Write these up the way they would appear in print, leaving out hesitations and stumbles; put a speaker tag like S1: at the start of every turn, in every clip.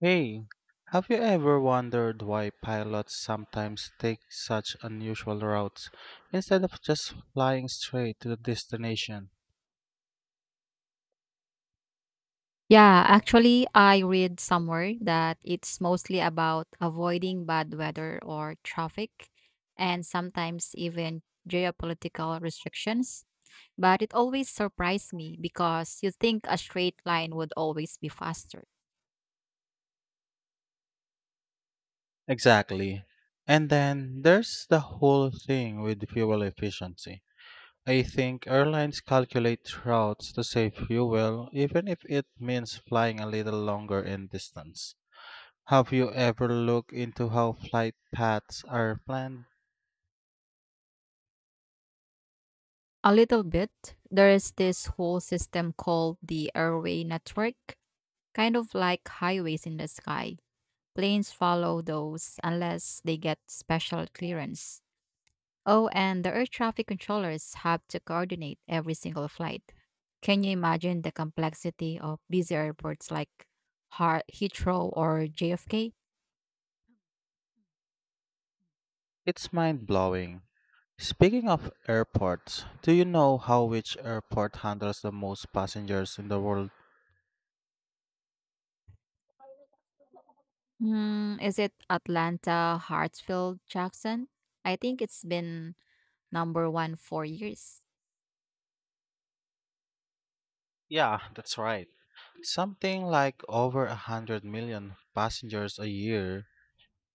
S1: Hey, have you ever wondered why pilots sometimes take such unusual routes instead of just flying straight to the destination?
S2: Yeah, actually, I read somewhere that it's mostly about avoiding bad weather or traffic and sometimes even geopolitical restrictions. But it always surprised me because you think a straight line would always be faster.
S1: Exactly. And then there's the whole thing with fuel efficiency. I think airlines calculate routes to save fuel even if it means flying a little longer in distance. Have you ever looked into how flight paths are planned?
S2: A little bit. There is this whole system called the airway network, kind of like highways in the sky. Planes follow those unless they get special clearance. Oh, and the air traffic controllers have to coordinate every single flight. Can you imagine the complexity of busy airports like Heathrow or JFK?
S1: It's mind blowing. Speaking of airports, do you know how which airport handles the most passengers in the world?
S2: Is it Atlanta, Hartsfield, Jackson? I think it's been number one for years.
S1: Yeah, that's right. Something like over a hundred million passengers a year.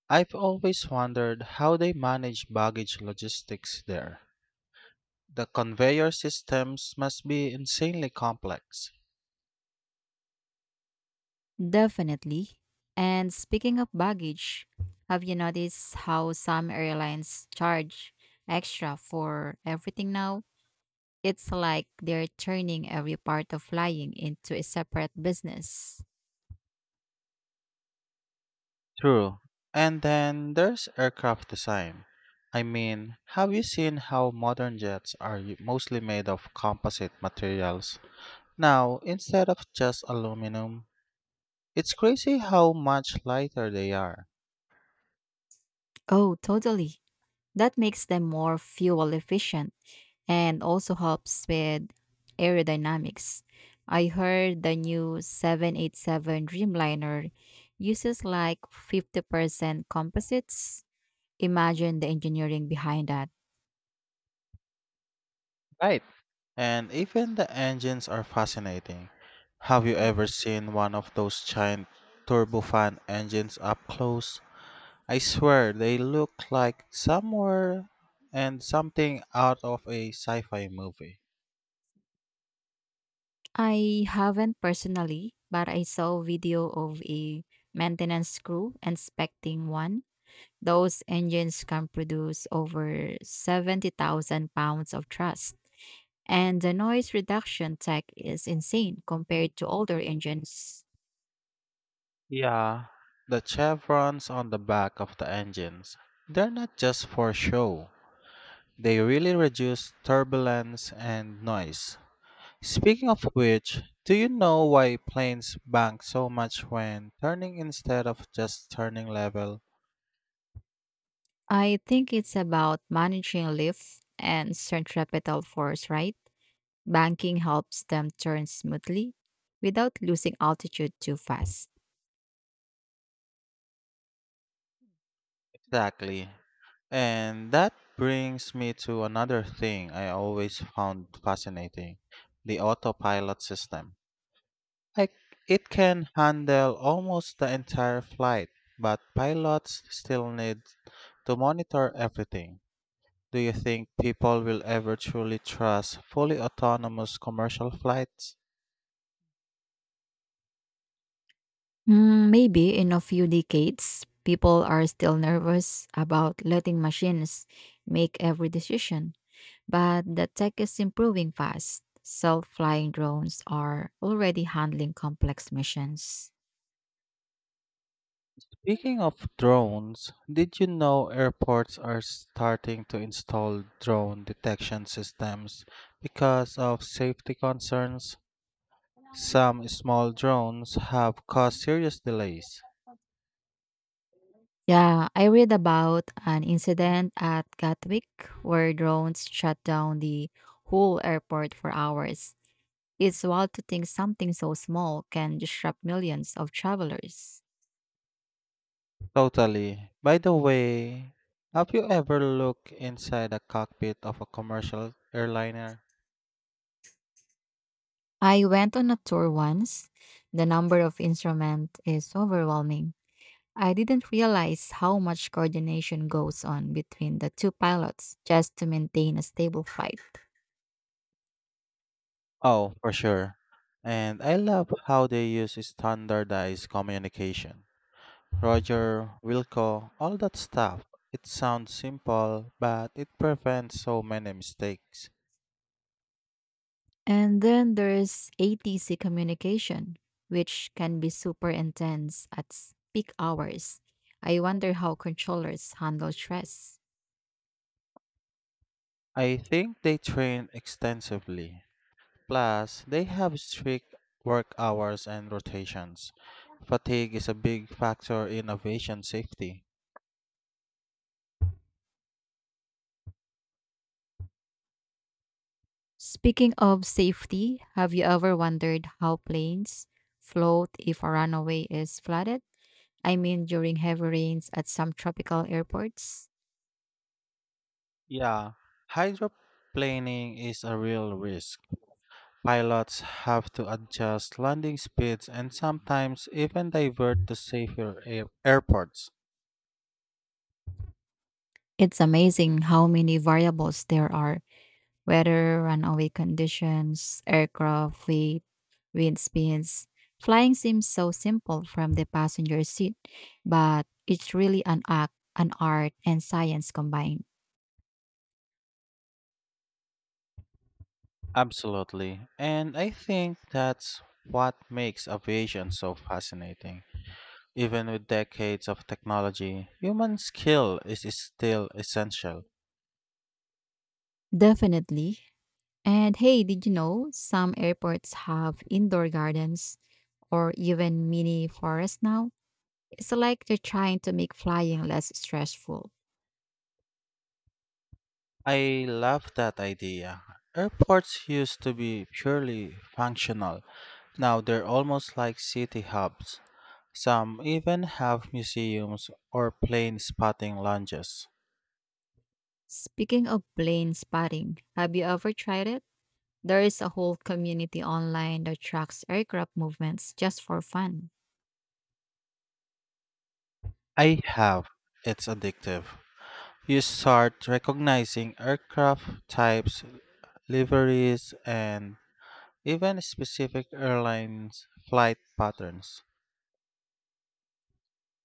S1: I've always wondered how they manage baggage logistics there. The conveyor systems must be insanely complex.
S2: Definitely. And speaking of baggage, have you noticed how some airlines charge extra for everything now? It's like they're turning every part of flying into a separate business.
S1: True. And then there's aircraft design. I mean, have you seen how modern jets are mostly made of composite materials? Now, instead of just aluminum, it's crazy how much lighter they are.
S2: Oh, totally. That makes them more fuel efficient and also helps with aerodynamics. I heard the new 787 Dreamliner uses like 50% composites. Imagine the engineering behind that.
S1: Right. And even the engines are fascinating. Have you ever seen one of those giant turbofan engines up close? I swear they look like somewhere and something out of a sci fi movie.
S2: I haven't personally, but I saw a video of a maintenance crew inspecting one. Those engines can produce over 70,000 pounds of thrust, and the noise reduction tech is insane compared to older engines.
S1: Yeah. The chevrons on the back of the engines, they're not just for show, they really reduce turbulence and noise. Speaking of which, do you know why planes bank so much when turning instead of just turning level?
S2: I think it's about managing lift and centripetal force, right? Banking helps them turn smoothly without losing altitude too fast.
S1: Exactly. And that brings me to another thing I always found fascinating the autopilot system. Like, it can handle almost the entire flight, but pilots still need to monitor everything. Do you think people will ever truly trust fully autonomous commercial flights?
S2: Maybe in a few decades, people are still nervous about letting machines make every decision. But the tech is improving fast. Self flying drones are already handling complex missions.
S1: Speaking of drones, did you know airports are starting to install drone detection systems because of safety concerns? Some small drones have caused serious delays.
S2: Yeah, I read about an incident at Gatwick where drones shut down the whole airport for hours. It's wild to think something so small can disrupt millions of travelers.
S1: Totally. By the way, have you ever looked inside a cockpit of a commercial airliner?
S2: I went on a tour once. The number of instruments is overwhelming. I didn't realize how much coordination goes on between the two pilots just to maintain a stable flight.
S1: Oh, for sure. And I love how they use standardized communication. Roger Wilco, all that stuff. It sounds simple, but it prevents so many mistakes.
S2: And then there's ATC communication, which can be super intense at peak hours. I wonder how controllers handle stress.
S1: I think they train extensively. Plus, they have strict work hours and rotations. Fatigue is a big factor in aviation safety.
S2: Speaking of safety, have you ever wondered how planes float if a runway is flooded? I mean, during heavy rains at some tropical airports?
S1: Yeah, hydroplaning is a real risk. Pilots have to adjust landing speeds and sometimes even divert to safer airports.
S2: It's amazing how many variables there are: weather, runway conditions, aircraft weight, wind speeds. Flying seems so simple from the passenger seat, but it's really an act, an art, and science combined.
S1: Absolutely. And I think that's what makes aviation so fascinating. Even with decades of technology, human skill is still essential.
S2: Definitely. And hey, did you know some airports have indoor gardens or even mini forests now? It's like they're trying to make flying less stressful.
S1: I love that idea. Airports used to be purely functional. Now they're almost like city hubs. Some even have museums or plane spotting lounges.
S2: Speaking of plane spotting, have you ever tried it? There is a whole community online that tracks aircraft movements just for fun.
S1: I have. It's addictive. You start recognizing aircraft types liveries, and even specific airlines' flight patterns.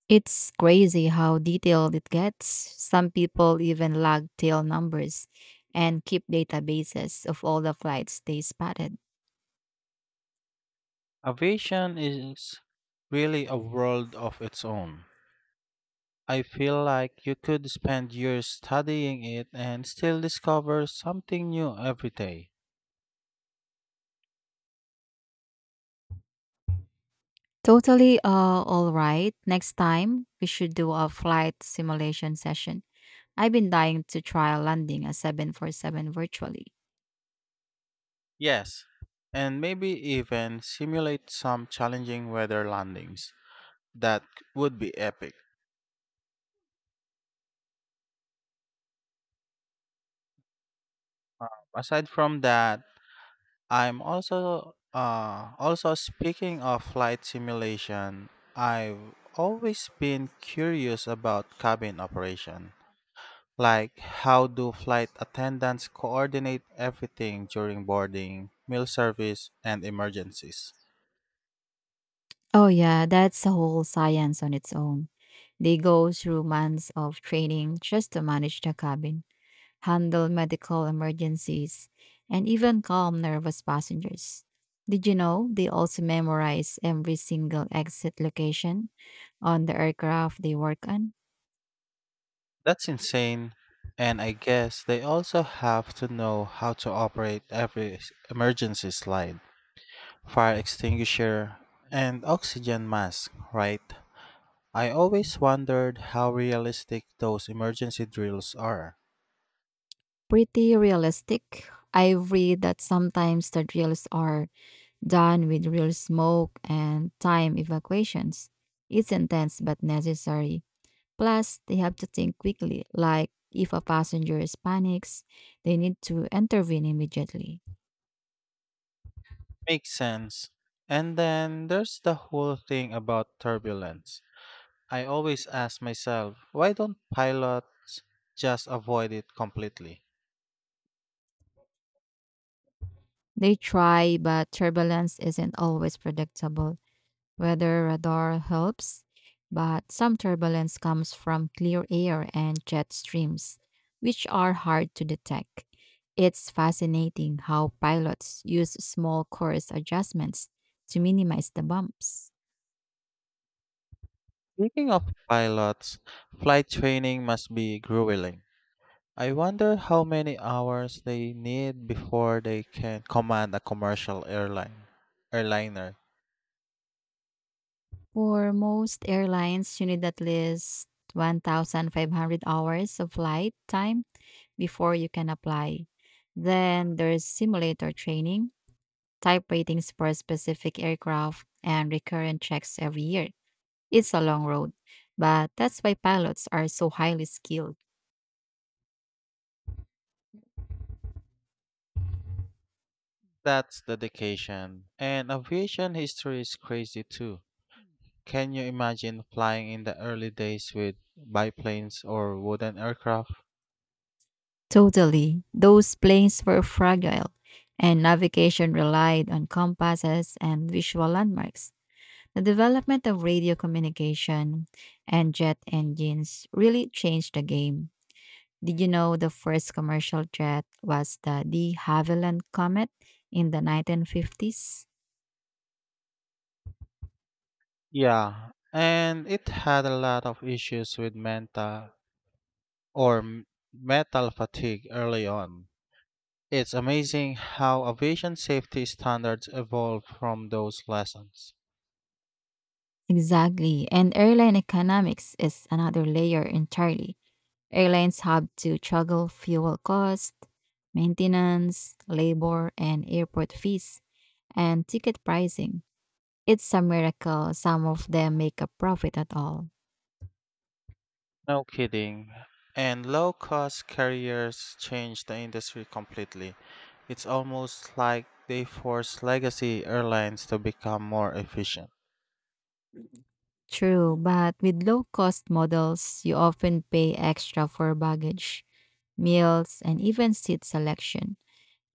S2: It's crazy how detailed it gets. Some people even log tail numbers and keep databases of all the flights they spotted.
S1: Aviation is really a world of its own. I feel like you could spend years studying it and still discover something new every day.
S2: Totally. All right. Next time, we should do a flight simulation session. I've been dying to try landing a 747 virtually.
S1: Yes, and maybe even simulate some challenging weather landings. That would be epic. Aside from that, I'm also also speaking of flight simulation, I've always been curious about cabin operation. Like how do flight attendants coordinate everything during boarding, meal service, and emergencies?
S2: Oh, yeah, that's a whole science on its own. They go through months of training just to manage the cabin, handle medical emergencies, and even calm nervous passengers. Did you know they also memorize every single exit location on the aircraft they work on?
S1: That's insane. And I guess they also have to know how to operate every emergency slide, fire extinguisher, and oxygen mask, right? I always wondered how realistic those emergency drills are.
S2: Pretty realistic. I've read that sometimes the drills are done with real smoke and time evacuations. It's intense but necessary. Plus, they have to think quickly, like if a passenger is panics, they need to intervene immediately.
S1: Makes sense. And then there's the whole thing about turbulence. I always ask myself, why don't pilots just avoid it completely?
S2: They try, but turbulence isn't always predictable. Weather radar helps, but some turbulence comes from clear air and jet streams, which are hard to detect. It's fascinating how pilots use small course adjustments to minimize the bumps.
S1: Speaking of pilots, flight training must be grueling. I wonder how many hours they need before they can command a commercial airline airliner.
S2: For most airlines, you need at least 1,500 hours of flight time before you can apply. Then there's simulator training, type ratings for specific aircraft, and recurrent checks every year. It's a long road, but that's why pilots are so highly skilled.
S1: That's dedication. And aviation history is crazy too. Can you imagine flying in the early days with biplanes or wooden aircraft?
S2: Totally. Those planes were fragile, and navigation relied on compasses and visual landmarks. The development of radio communication and jet engines really changed the game. Did you know the first commercial jet was the de Havilland Comet in the 1950s?
S1: Yeah, and it had a lot of issues with mental or metal fatigue early on. It's amazing how aviation safety standards evolved from those lessons.
S2: Exactly. And airline economics is another layer entirely. Airlines have to juggle fuel cost, maintenance, labor, and airport fees, and ticket pricing. It's a miracle some of them make a profit at all.
S1: No kidding. And low cost carriers changed the industry completely. It's almost like they forced legacy airlines to become more efficient.
S2: True, but with low cost models, you often pay extra for baggage, meals, and even seat selection.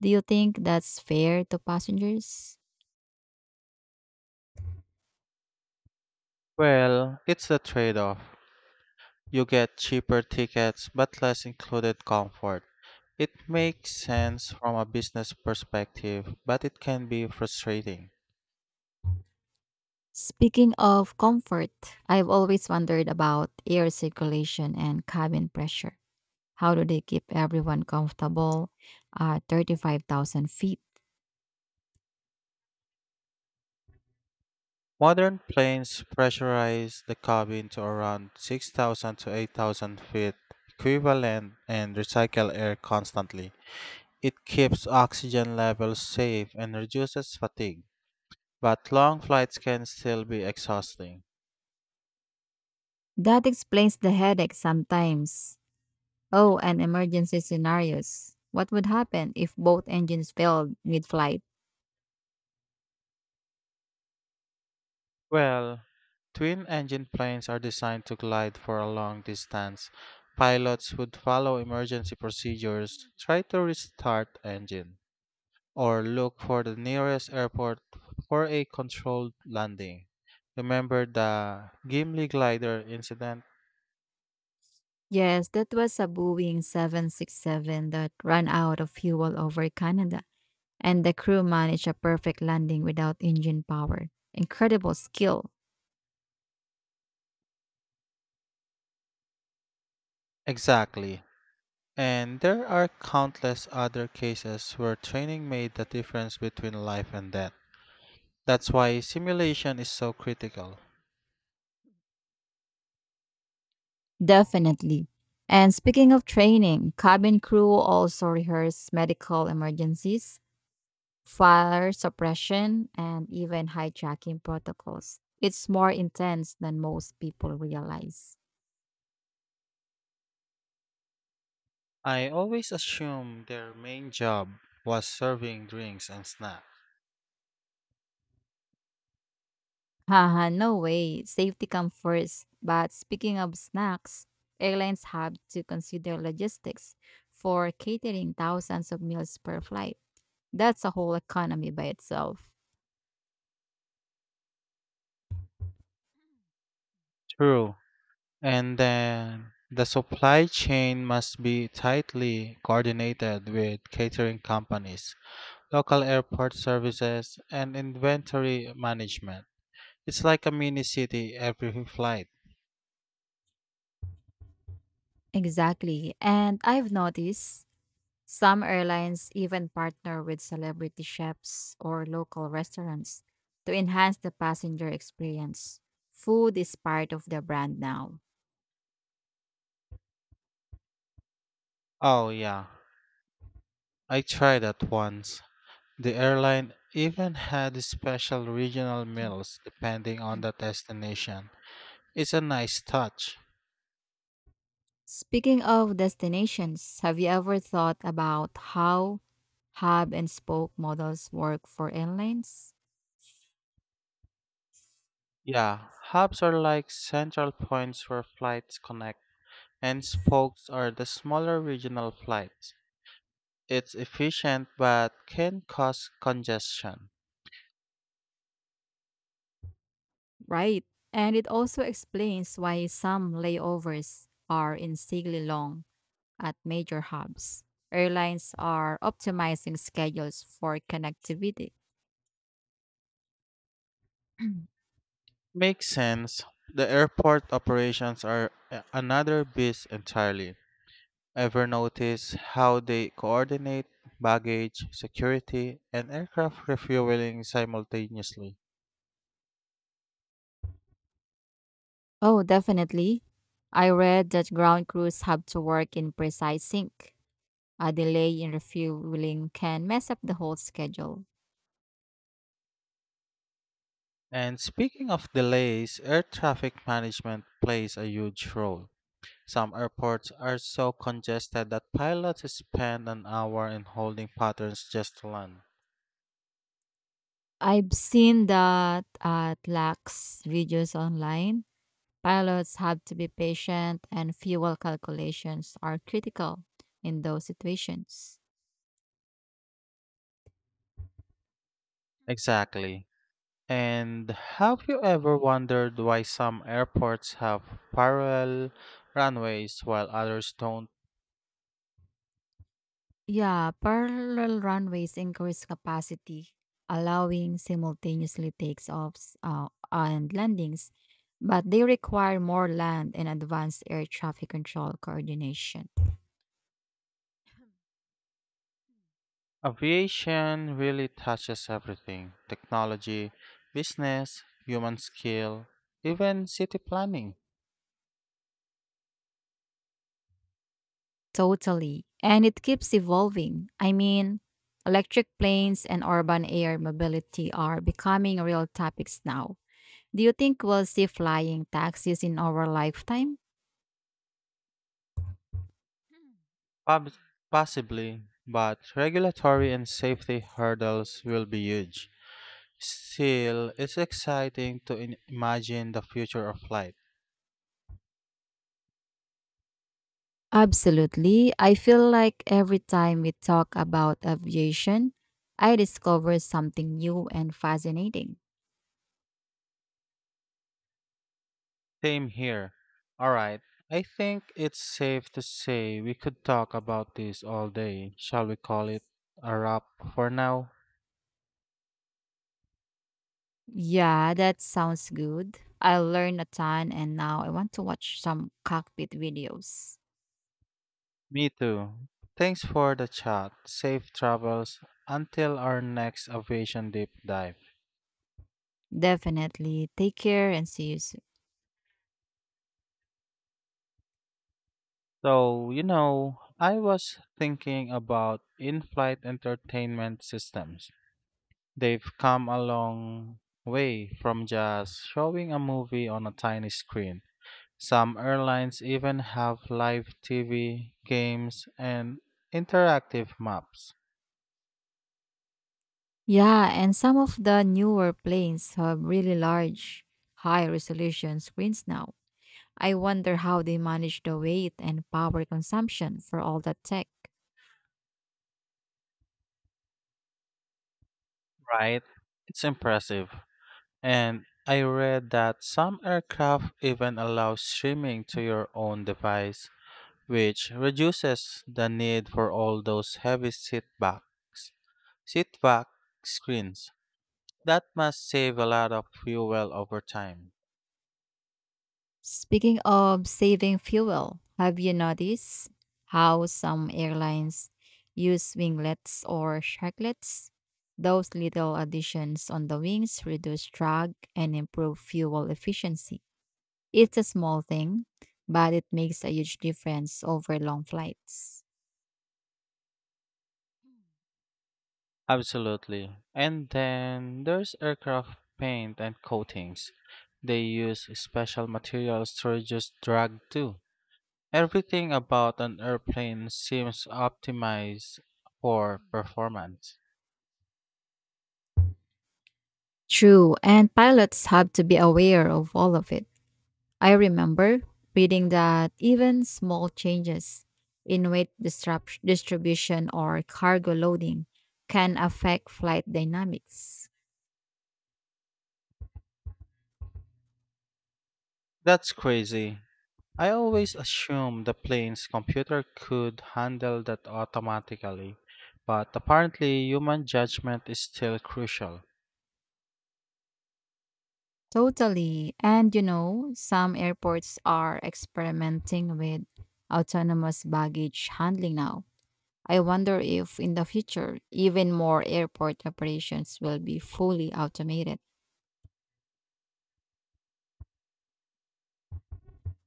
S2: Do you think that's fair to passengers?
S1: Well, it's a trade off. You get cheaper tickets but less included comfort. It makes sense from a business perspective, but it can be frustrating.
S2: Speaking of comfort, I've always wondered about air circulation and cabin pressure. How do they keep everyone comfortable at 35,000 feet?
S1: Modern planes pressurize the cabin to around 6,000 to 8,000 feet equivalent and recycle air constantly. It keeps oxygen levels safe and reduces fatigue, but long flights can still be exhausting.
S2: That explains the headache sometimes. Oh, and emergency scenarios. What would happen if both engines failed mid flight?
S1: Well, Twin-engine planes are designed to glide for a long distance. Pilots would follow emergency procedures, try to restart engine, or look for the nearest airport for a controlled landing. Remember the Gimli glider incident?
S2: Yes, that was a Boeing 767 that ran out of fuel over Canada, and the crew managed a perfect landing without engine power. Incredible skill,
S1: Exactly. And there are countless other cases where training made the difference between life and death. That's why simulation is so critical.
S2: definitely. And speaking of training, cabin crew also rehearse medical emergencies, fire suppression, and even hijacking protocols. It's more intense than most people realize.
S1: I always assumed their main job was serving drinks and snacks.
S2: Haha, no way. Safety comes first. But speaking of snacks, airlines have to consider logistics for catering thousands of meals per flight. That's a whole economy by itself.
S1: True. And then the supply chain must be tightly coordinated with catering companies, local airport services, and inventory management. It's like a mini city every flight.
S2: Exactly. And I've noticed some airlines even partner with celebrity chefs or local restaurants to enhance the passenger experience. Food is part of the brand now.
S1: Oh, yeah. I tried that once. The airline even had special regional meals depending on the destination. It's a nice touch.
S2: Speaking of destinations, have you ever thought about how hub and spoke models work for airlines?
S1: Yeah, hubs are like central points where flights connect, and spokes are the smaller regional flights. It's efficient but can cause congestion.
S2: Right. And it also explains why some layovers are insanely long at major hubs. Airlines are optimizing schedules for connectivity.
S1: Makes sense. The airport operations are another beast entirely. Ever notice how they coordinate baggage, security, and aircraft refueling simultaneously?
S2: Oh, definitely. I read that ground crews have to work in precise sync. A delay in refueling can mess up the whole schedule.
S1: And speaking of delays, air traffic management plays a huge role. Some airports are so congested that pilots spend an hour in holding patterns just to land.
S2: I've seen that at lax videos online. Pilots have to be patient and fuel calculations are critical in those situations.
S1: Exactly. And have you ever wondered why some airports have parallel runways while others don't?
S2: Yeah, parallel runways increase capacity, allowing simultaneously takeoffs and landings, but they require more land and advanced air traffic control coordination.
S1: Aviation really touches everything technology, business, human skill, even city planning.
S2: Totally. And it keeps evolving. I mean, electric planes and urban air mobility are becoming real topics now. Do you think we'll see flying taxis in our lifetime?
S1: Pub- possibly, but regulatory and safety hurdles will be huge. Still, it's exciting to imagine the future of flight.
S2: Absolutely. I feel like every time we talk about aviation, I discover something new and fascinating.
S1: Same here. Alright, I think it's safe to say we could talk about this all day. Shall we call it a wrap for now?
S2: Yeah, that sounds good. I learned a ton and now I want to watch some cockpit videos.
S1: Me too. Thanks for the chat. Safe travels until our next aviation deep dive.
S2: Definitely. Take care and see you soon.
S1: So, I was thinking about in flight entertainment systems. They've come a long way from just showing a movie on a tiny screen. Some airlines even have live TV, games, and interactive maps.
S2: Yeah, and some of the newer planes have really large, high resolution screens now. I wonder how they manage the weight and power consumption for all that tech.
S1: Right? It's impressive. And I read that some aircraft even allow streaming to your own device, which reduces the need for all those heavy seatbacks, seatback screens. That must save a lot of fuel over time.
S2: Speaking of saving fuel, have you noticed how some airlines use winglets or sharklets? Those little additions on the wings reduce drag and improve fuel efficiency. It's a small thing, but it makes a huge difference over long flights.
S1: Absolutely. And then there's aircraft paint and coatings. They use special materials to reduce drag too. Everything about an airplane seems optimized for performance.
S2: True, and pilots have to be aware of all of it. I remember reading that even small changes in weight distribution or cargo loading can affect flight dynamics.
S1: That's crazy. I always assumed the plane's computer could handle that automatically, but apparently human judgment is still crucial.
S2: Totally. And you know, some airports are experimenting with autonomous baggage handling now. I wonder if in the future, even more airport operations will be fully automated.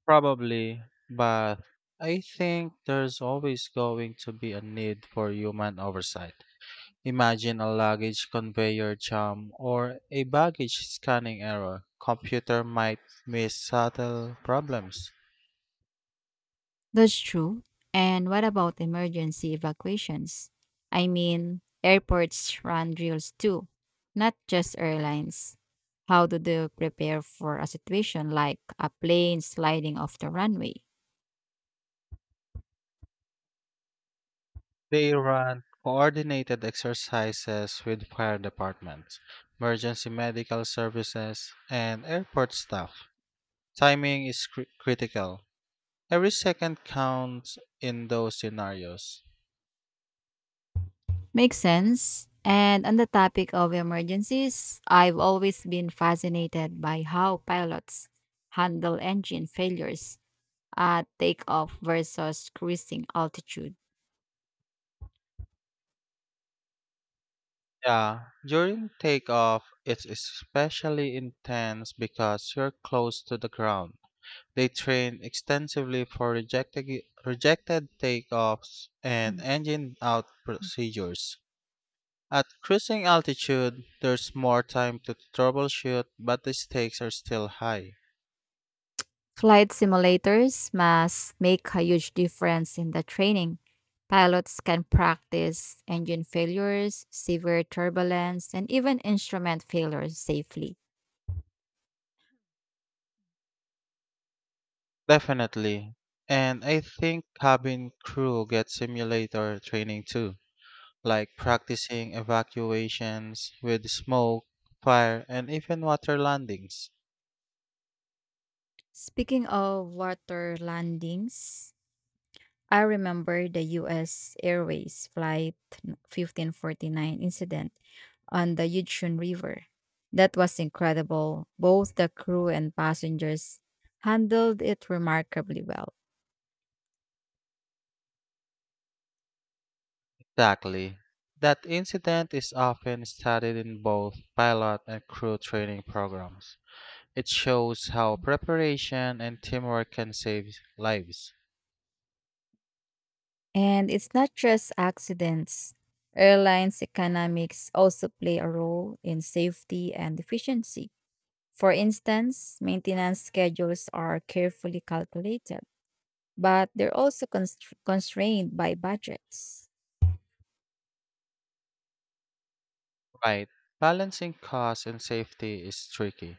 S1: Probably, but I think there's always going to be a need for human oversight. Imagine a luggage conveyor jam or a baggage scanning error. Computer might miss subtle problems.
S2: That's true. And what about emergency evacuations? I mean, airports run drills too, not just airlines. How do they prepare for a situation like a plane sliding off the runway?
S1: They run coordinated exercises with fire departments, emergency medical services, and airport staff. Timing is critical. Every second counts in those scenarios.
S2: Makes sense. And on the topic of emergencies, I've always been fascinated by how pilots handle engine failures at takeoff versus cruising altitude?
S1: Yeah, during takeoff, it's especially intense because you're close to the ground. They train extensively for rejected takeoffs and
S2: Mm,
S1: engine out
S2: mm.
S1: procedures. At cruising altitude, there's more time to troubleshoot, but the stakes are still high.
S2: Flight simulators must make a huge difference in the training. Pilots can practice engine failures, severe turbulence, and even instrument failures safely.
S1: Definitely. And I think cabin crew get simulator training too. Like practicing evacuations with smoke, fire, and even water landings.
S2: Speaking of water landings, I remember the US Airways Flight 1549 incident on the Yuzhun River. That was incredible. Both the crew and passengers handled it remarkably well.
S1: Exactly. That incident is often studied in both pilot and crew training programs. It shows how preparation and teamwork can save lives.
S2: And it's not just accidents. Airlines' economics also play a role in safety and efficiency. For instance, maintenance schedules are carefully calculated, but they're also constrained by budgets.
S1: Right. Balancing cost and safety is tricky.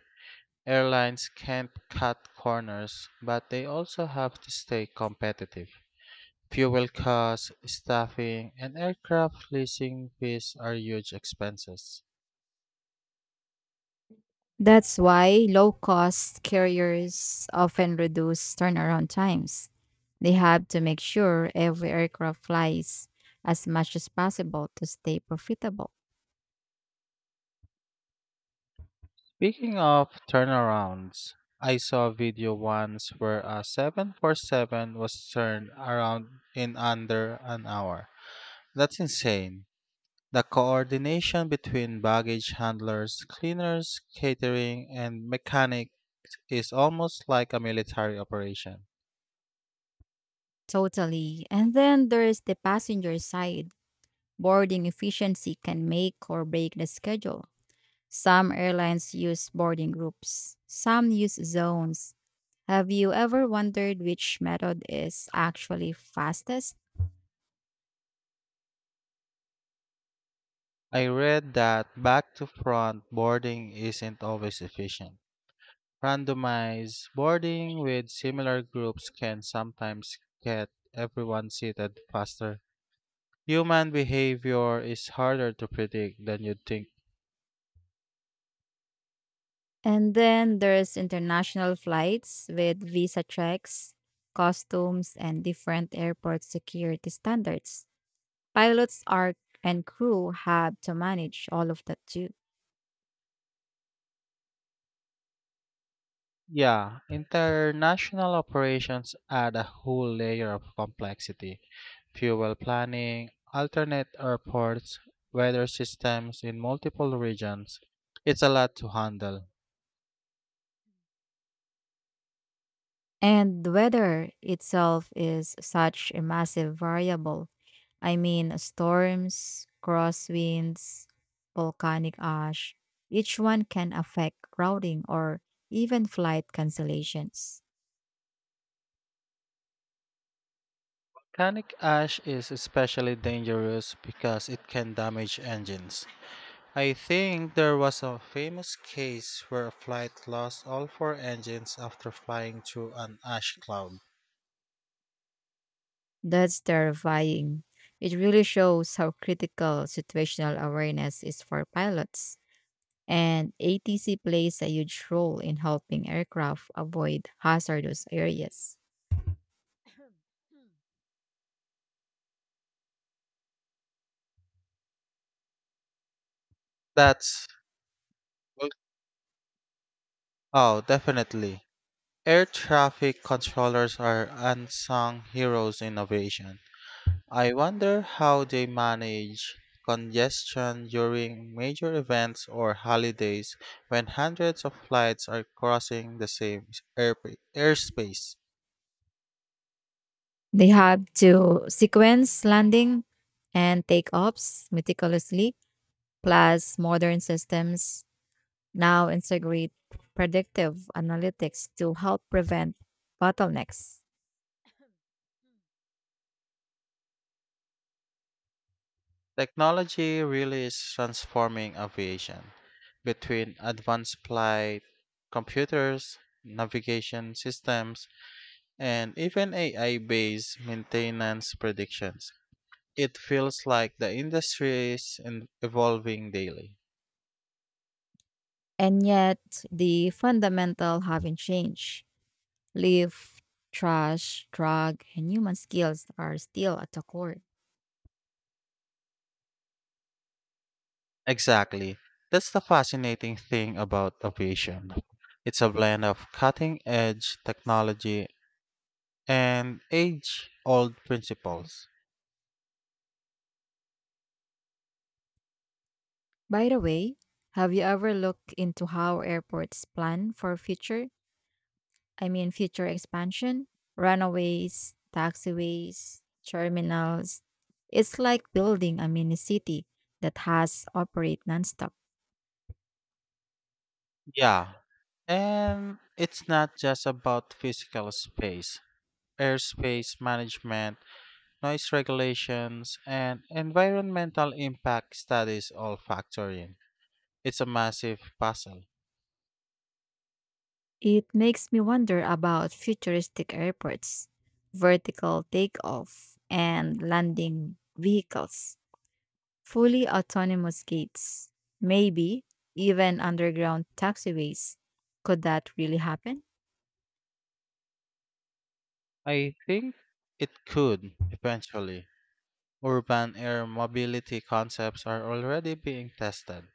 S1: Airlines can't cut corners, but they also have to stay competitive. Fuel costs, staffing, and aircraft leasing fees are huge expenses.
S2: That's why low cost carriers often reduce turnaround times. They have to make sure every aircraft flies as much as possible to stay profitable.
S1: Speaking of turnarounds, I saw a video once where a 747 was turned around in under an hour. That's insane. The coordination between baggage handlers, cleaners, catering, and mechanic is almost like a military operation.
S2: Totally. And then there's the passenger side. Boarding efficiency can make or break the schedule. Some airlines use boarding groups, some use zones. Have you ever wondered which method is actually fastest?
S1: I read that back to front boarding isn't always efficient. Randomized boarding with similar groups can sometimes get everyone seated faster. Human behavior is harder to predict than you'd think.
S2: And then there's international flights with visa checks, customs, and different airport security standards. Pilots are and crew have to manage all of that too.
S1: Yeah, international operations add a whole layer of complexity. Fuel planning, alternate airports, weather systems in multiple regions. It's a lot to handle.
S2: And the weather itself is such a massive variable. I mean, storms, crosswinds, volcanic ash, each one can affect routing or even flight cancellations.
S1: Volcanic ash is especially dangerous because it can damage engines. I think there was a famous case where a flight lost all four engines after flying through an ash cloud.
S2: That's terrifying. It really shows how critical situational awareness is for pilots. And ATC plays a huge role in helping aircraft avoid hazardous areas.
S1: That's oh, definitely. Air traffic controllers are unsung heroes in aviation. I wonder how they manage congestion during major events or holidays when hundreds of flights are crossing the same airspace.
S2: They have to sequence landing and takeoffs meticulously, plus modern systems now integrate predictive analytics to help prevent bottlenecks.
S1: Technology really is transforming aviation. Between advanced flight computers, navigation systems, and even AI based maintenance predictions, it feels like the industry is evolving daily.
S2: And yet, the fundamental haven't changed. Live, trash, drug, and human skills are still at the core.
S1: Exactly. That's the fascinating thing about aviation. It's a blend of cutting edge technology and age old
S2: Mm.
S1: principles.
S2: By the way, have you ever looked into how airports plan for future, I mean, future expansion, runaways, taxiways, terminals. It's like building a mini city that has operate nonstop.
S1: Yeah, and it's not just about physical space. Airspace management, noise regulations, and environmental impact studies all factor in. It's a massive puzzle.
S2: It makes me wonder about futuristic airports, vertical takeoff and landing vehicles, fully autonomous gates, maybe even underground taxiways. Could that really happen?
S1: I think it could, eventually. Urban air mobility concepts are already being tested.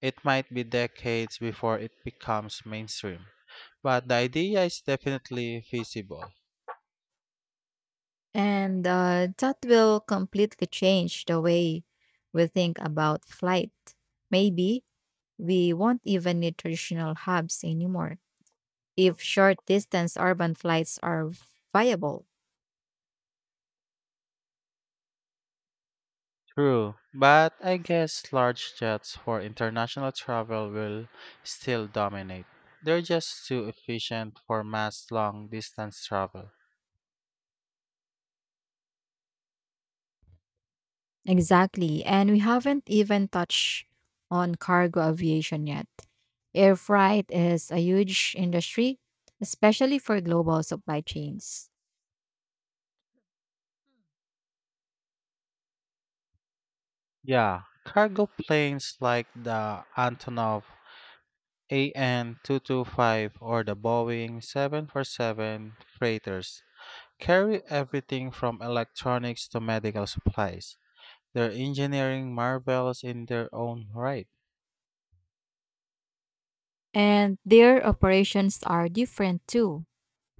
S1: It might be decades before it becomes mainstream, but the idea is definitely feasible.
S2: And that will completely change the way we think about flight. Maybe we won't even need traditional hubs anymore if short distance urban flights are viable.
S1: True, but I guess large jets for international travel will still dominate. They're just too efficient for mass long distance travel.
S2: Exactly. And we haven't even touched on cargo aviation yet. Air freight is a huge industry, especially for global supply chains.
S1: Yeah, cargo planes like the Antonov AN 225 or the Boeing 747 freighters carry everything from electronics to medical supplies. They're engineering marvels in their own right.
S2: And their operations are different too: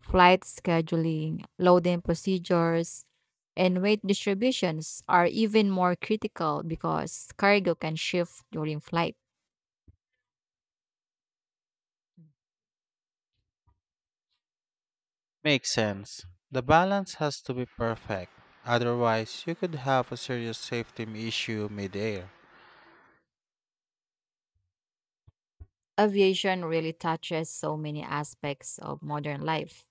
S2: flight scheduling, loading procedures, and weight distributions are even more critical because cargo can shift during flight.
S1: Makes sense. The balance has to be perfect. Otherwise, you could have a serious safety issue midair.
S2: Aviation really touches so many aspects of modern life: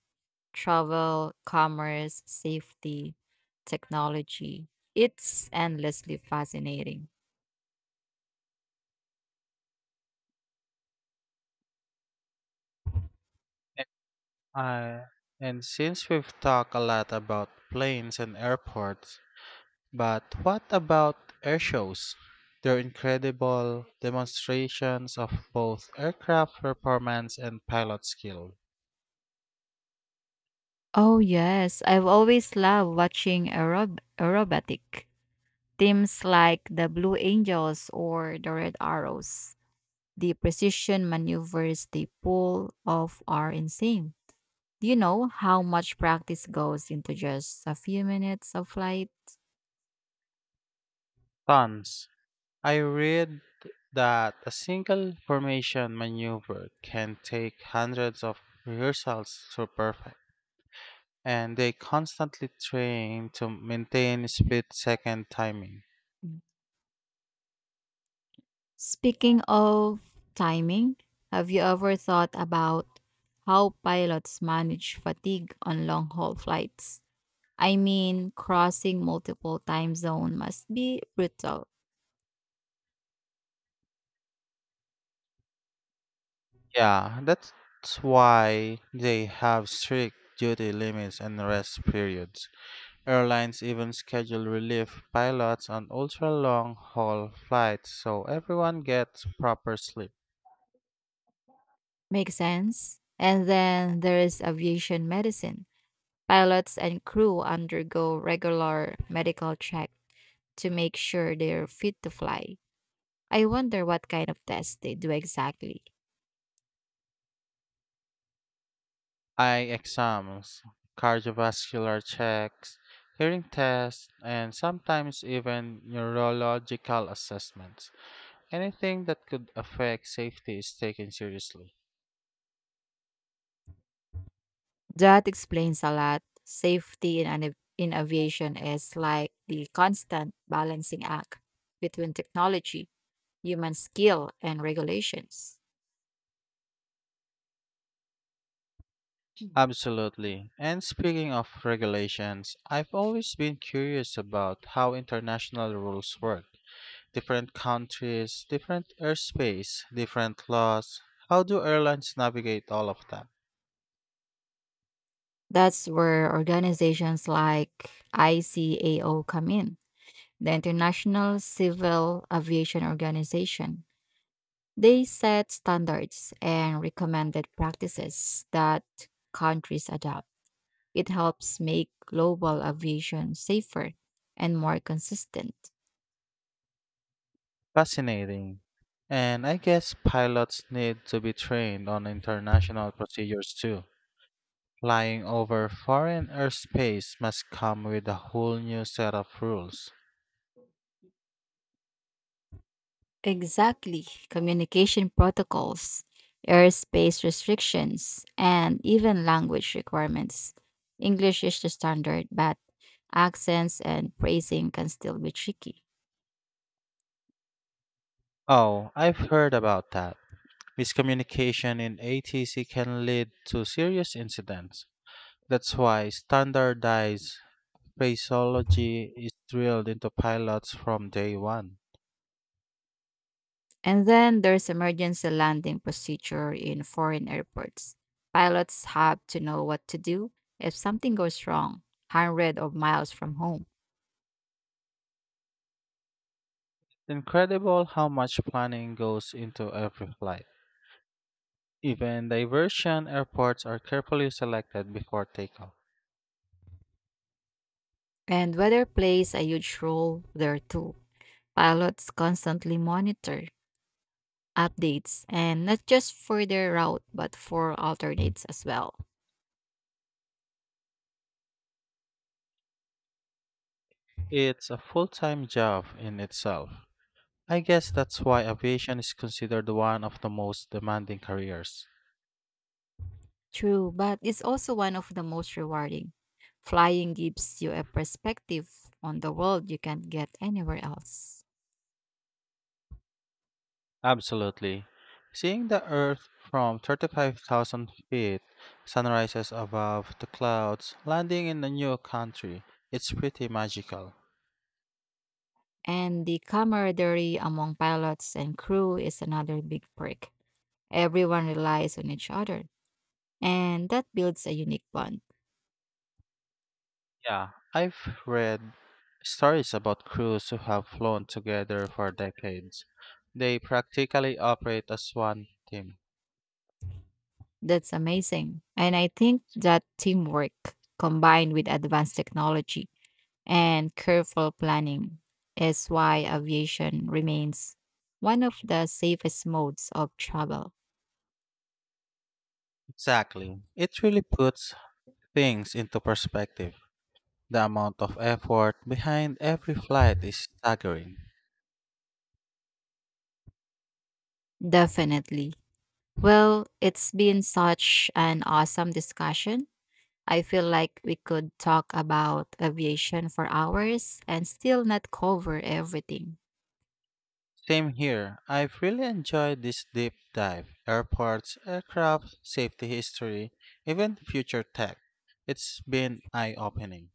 S2: travel, commerce, safety, technology. It's endlessly fascinating.
S1: Uh, and since we've talked a lot about planes and airports, but what about air shows? They're incredible demonstrations of both aircraft performance and pilot skill.
S2: Oh, yes. I've always loved watching aerobatic teams like the Blue Angels or the Red Arrows. The precision maneuvers they pull off are insane. Do you know how much practice goes into just a few minutes of flight?
S1: Tons. I read that a single formation maneuver can take hundreds of rehearsals to perfect, and they constantly train to maintain split second timing.
S2: Speaking of timing, have you ever thought about how pilots manage fatigue on long haul flights? I mean, crossing multiple time zones must be brutal.
S1: Yeah, that's why they have strict duty limits and rest periods. Airlines even schedule relief pilots on ultra long haul flights so everyone gets proper sleep.
S2: Makes sense. And then there is aviation medicine. Pilots and crew undergo regular medical check to make sure they're fit to fly. I wonder what kind of tests they do exactly.
S1: Eye exams, cardiovascular checks, hearing tests, and sometimes even neurological assessments. Anything that could affect safety is taken seriously.
S2: That explains a lot. Safety in, in aviation is like the constant balancing act between technology, human skill, and regulations.
S1: Absolutely. And speaking of regulations, I've always been curious about how international rules work. Different countries, different airspace, different laws. How do airlines navigate all of that?
S2: That's where organizations like ICAO come in, the International Civil Aviation Organization. They set standards and recommended practices that countries adopt. It helps make global aviation safer and more consistent.
S1: Fascinating. And I guess pilots need to be trained on international procedures too. Flying over foreign airspace must come with a whole new set of rules.
S2: Exactly. Communication protocols, airspace restrictions, and even language requirements. English is the standard, but accents and phrasing can still be tricky.
S1: Oh, I've heard about that. Miscommunication in ATC can lead to serious incidents. That's why standardized phraseology is drilled into pilots from day one.
S2: And then there's emergency landing procedure in foreign airports. Pilots have to know what to do if something goes wrong, hundreds of miles from home.
S1: Incredible how much planning goes into every flight. Even diversion airports are carefully selected before takeoff.
S2: And weather plays a huge role there too. Pilots constantly monitor updates and not just for their route but for alternates as well.
S1: It's a full time job in itself. I guess that's why aviation is considered one of the most demanding careers.
S2: True, but it's also one of the most rewarding. Flying gives you a perspective on the world you can't get anywhere else.
S1: Absolutely. Seeing the Earth from 35,000 feet, sunrises above the clouds, landing in a new country, it's pretty magical.
S2: And the camaraderie among pilots and crew is another big perk. Everyone relies on each other, and that builds a unique bond.
S1: Yeah, I've read stories about crews who have flown together for decades. They practically operate as one team.
S2: That's amazing. And I think that teamwork combined with advanced technology and careful planning is why aviation remains one of the safest modes of travel.
S1: Exactly. It really puts things into perspective. The amount of effort behind every flight is staggering.
S2: Definitely. Well, it's been such an awesome discussion. I feel like we could talk about aviation for hours and still not cover everything.
S1: Same here. I've really enjoyed this deep dive. Airports, aircraft, safety history, even future tech. It's been eye opening.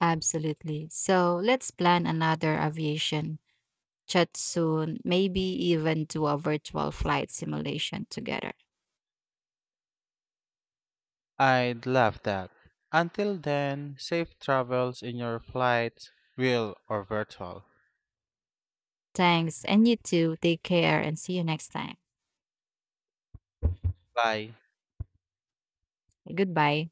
S2: Absolutely. So let's plan another aviation chat soon, maybe even do a virtual flight simulation together.
S1: I'd love that. Until then, safe travels in your flights, real or virtual.
S2: Thanks. And you too. Take care and see you next time.
S1: Bye.
S2: Goodbye.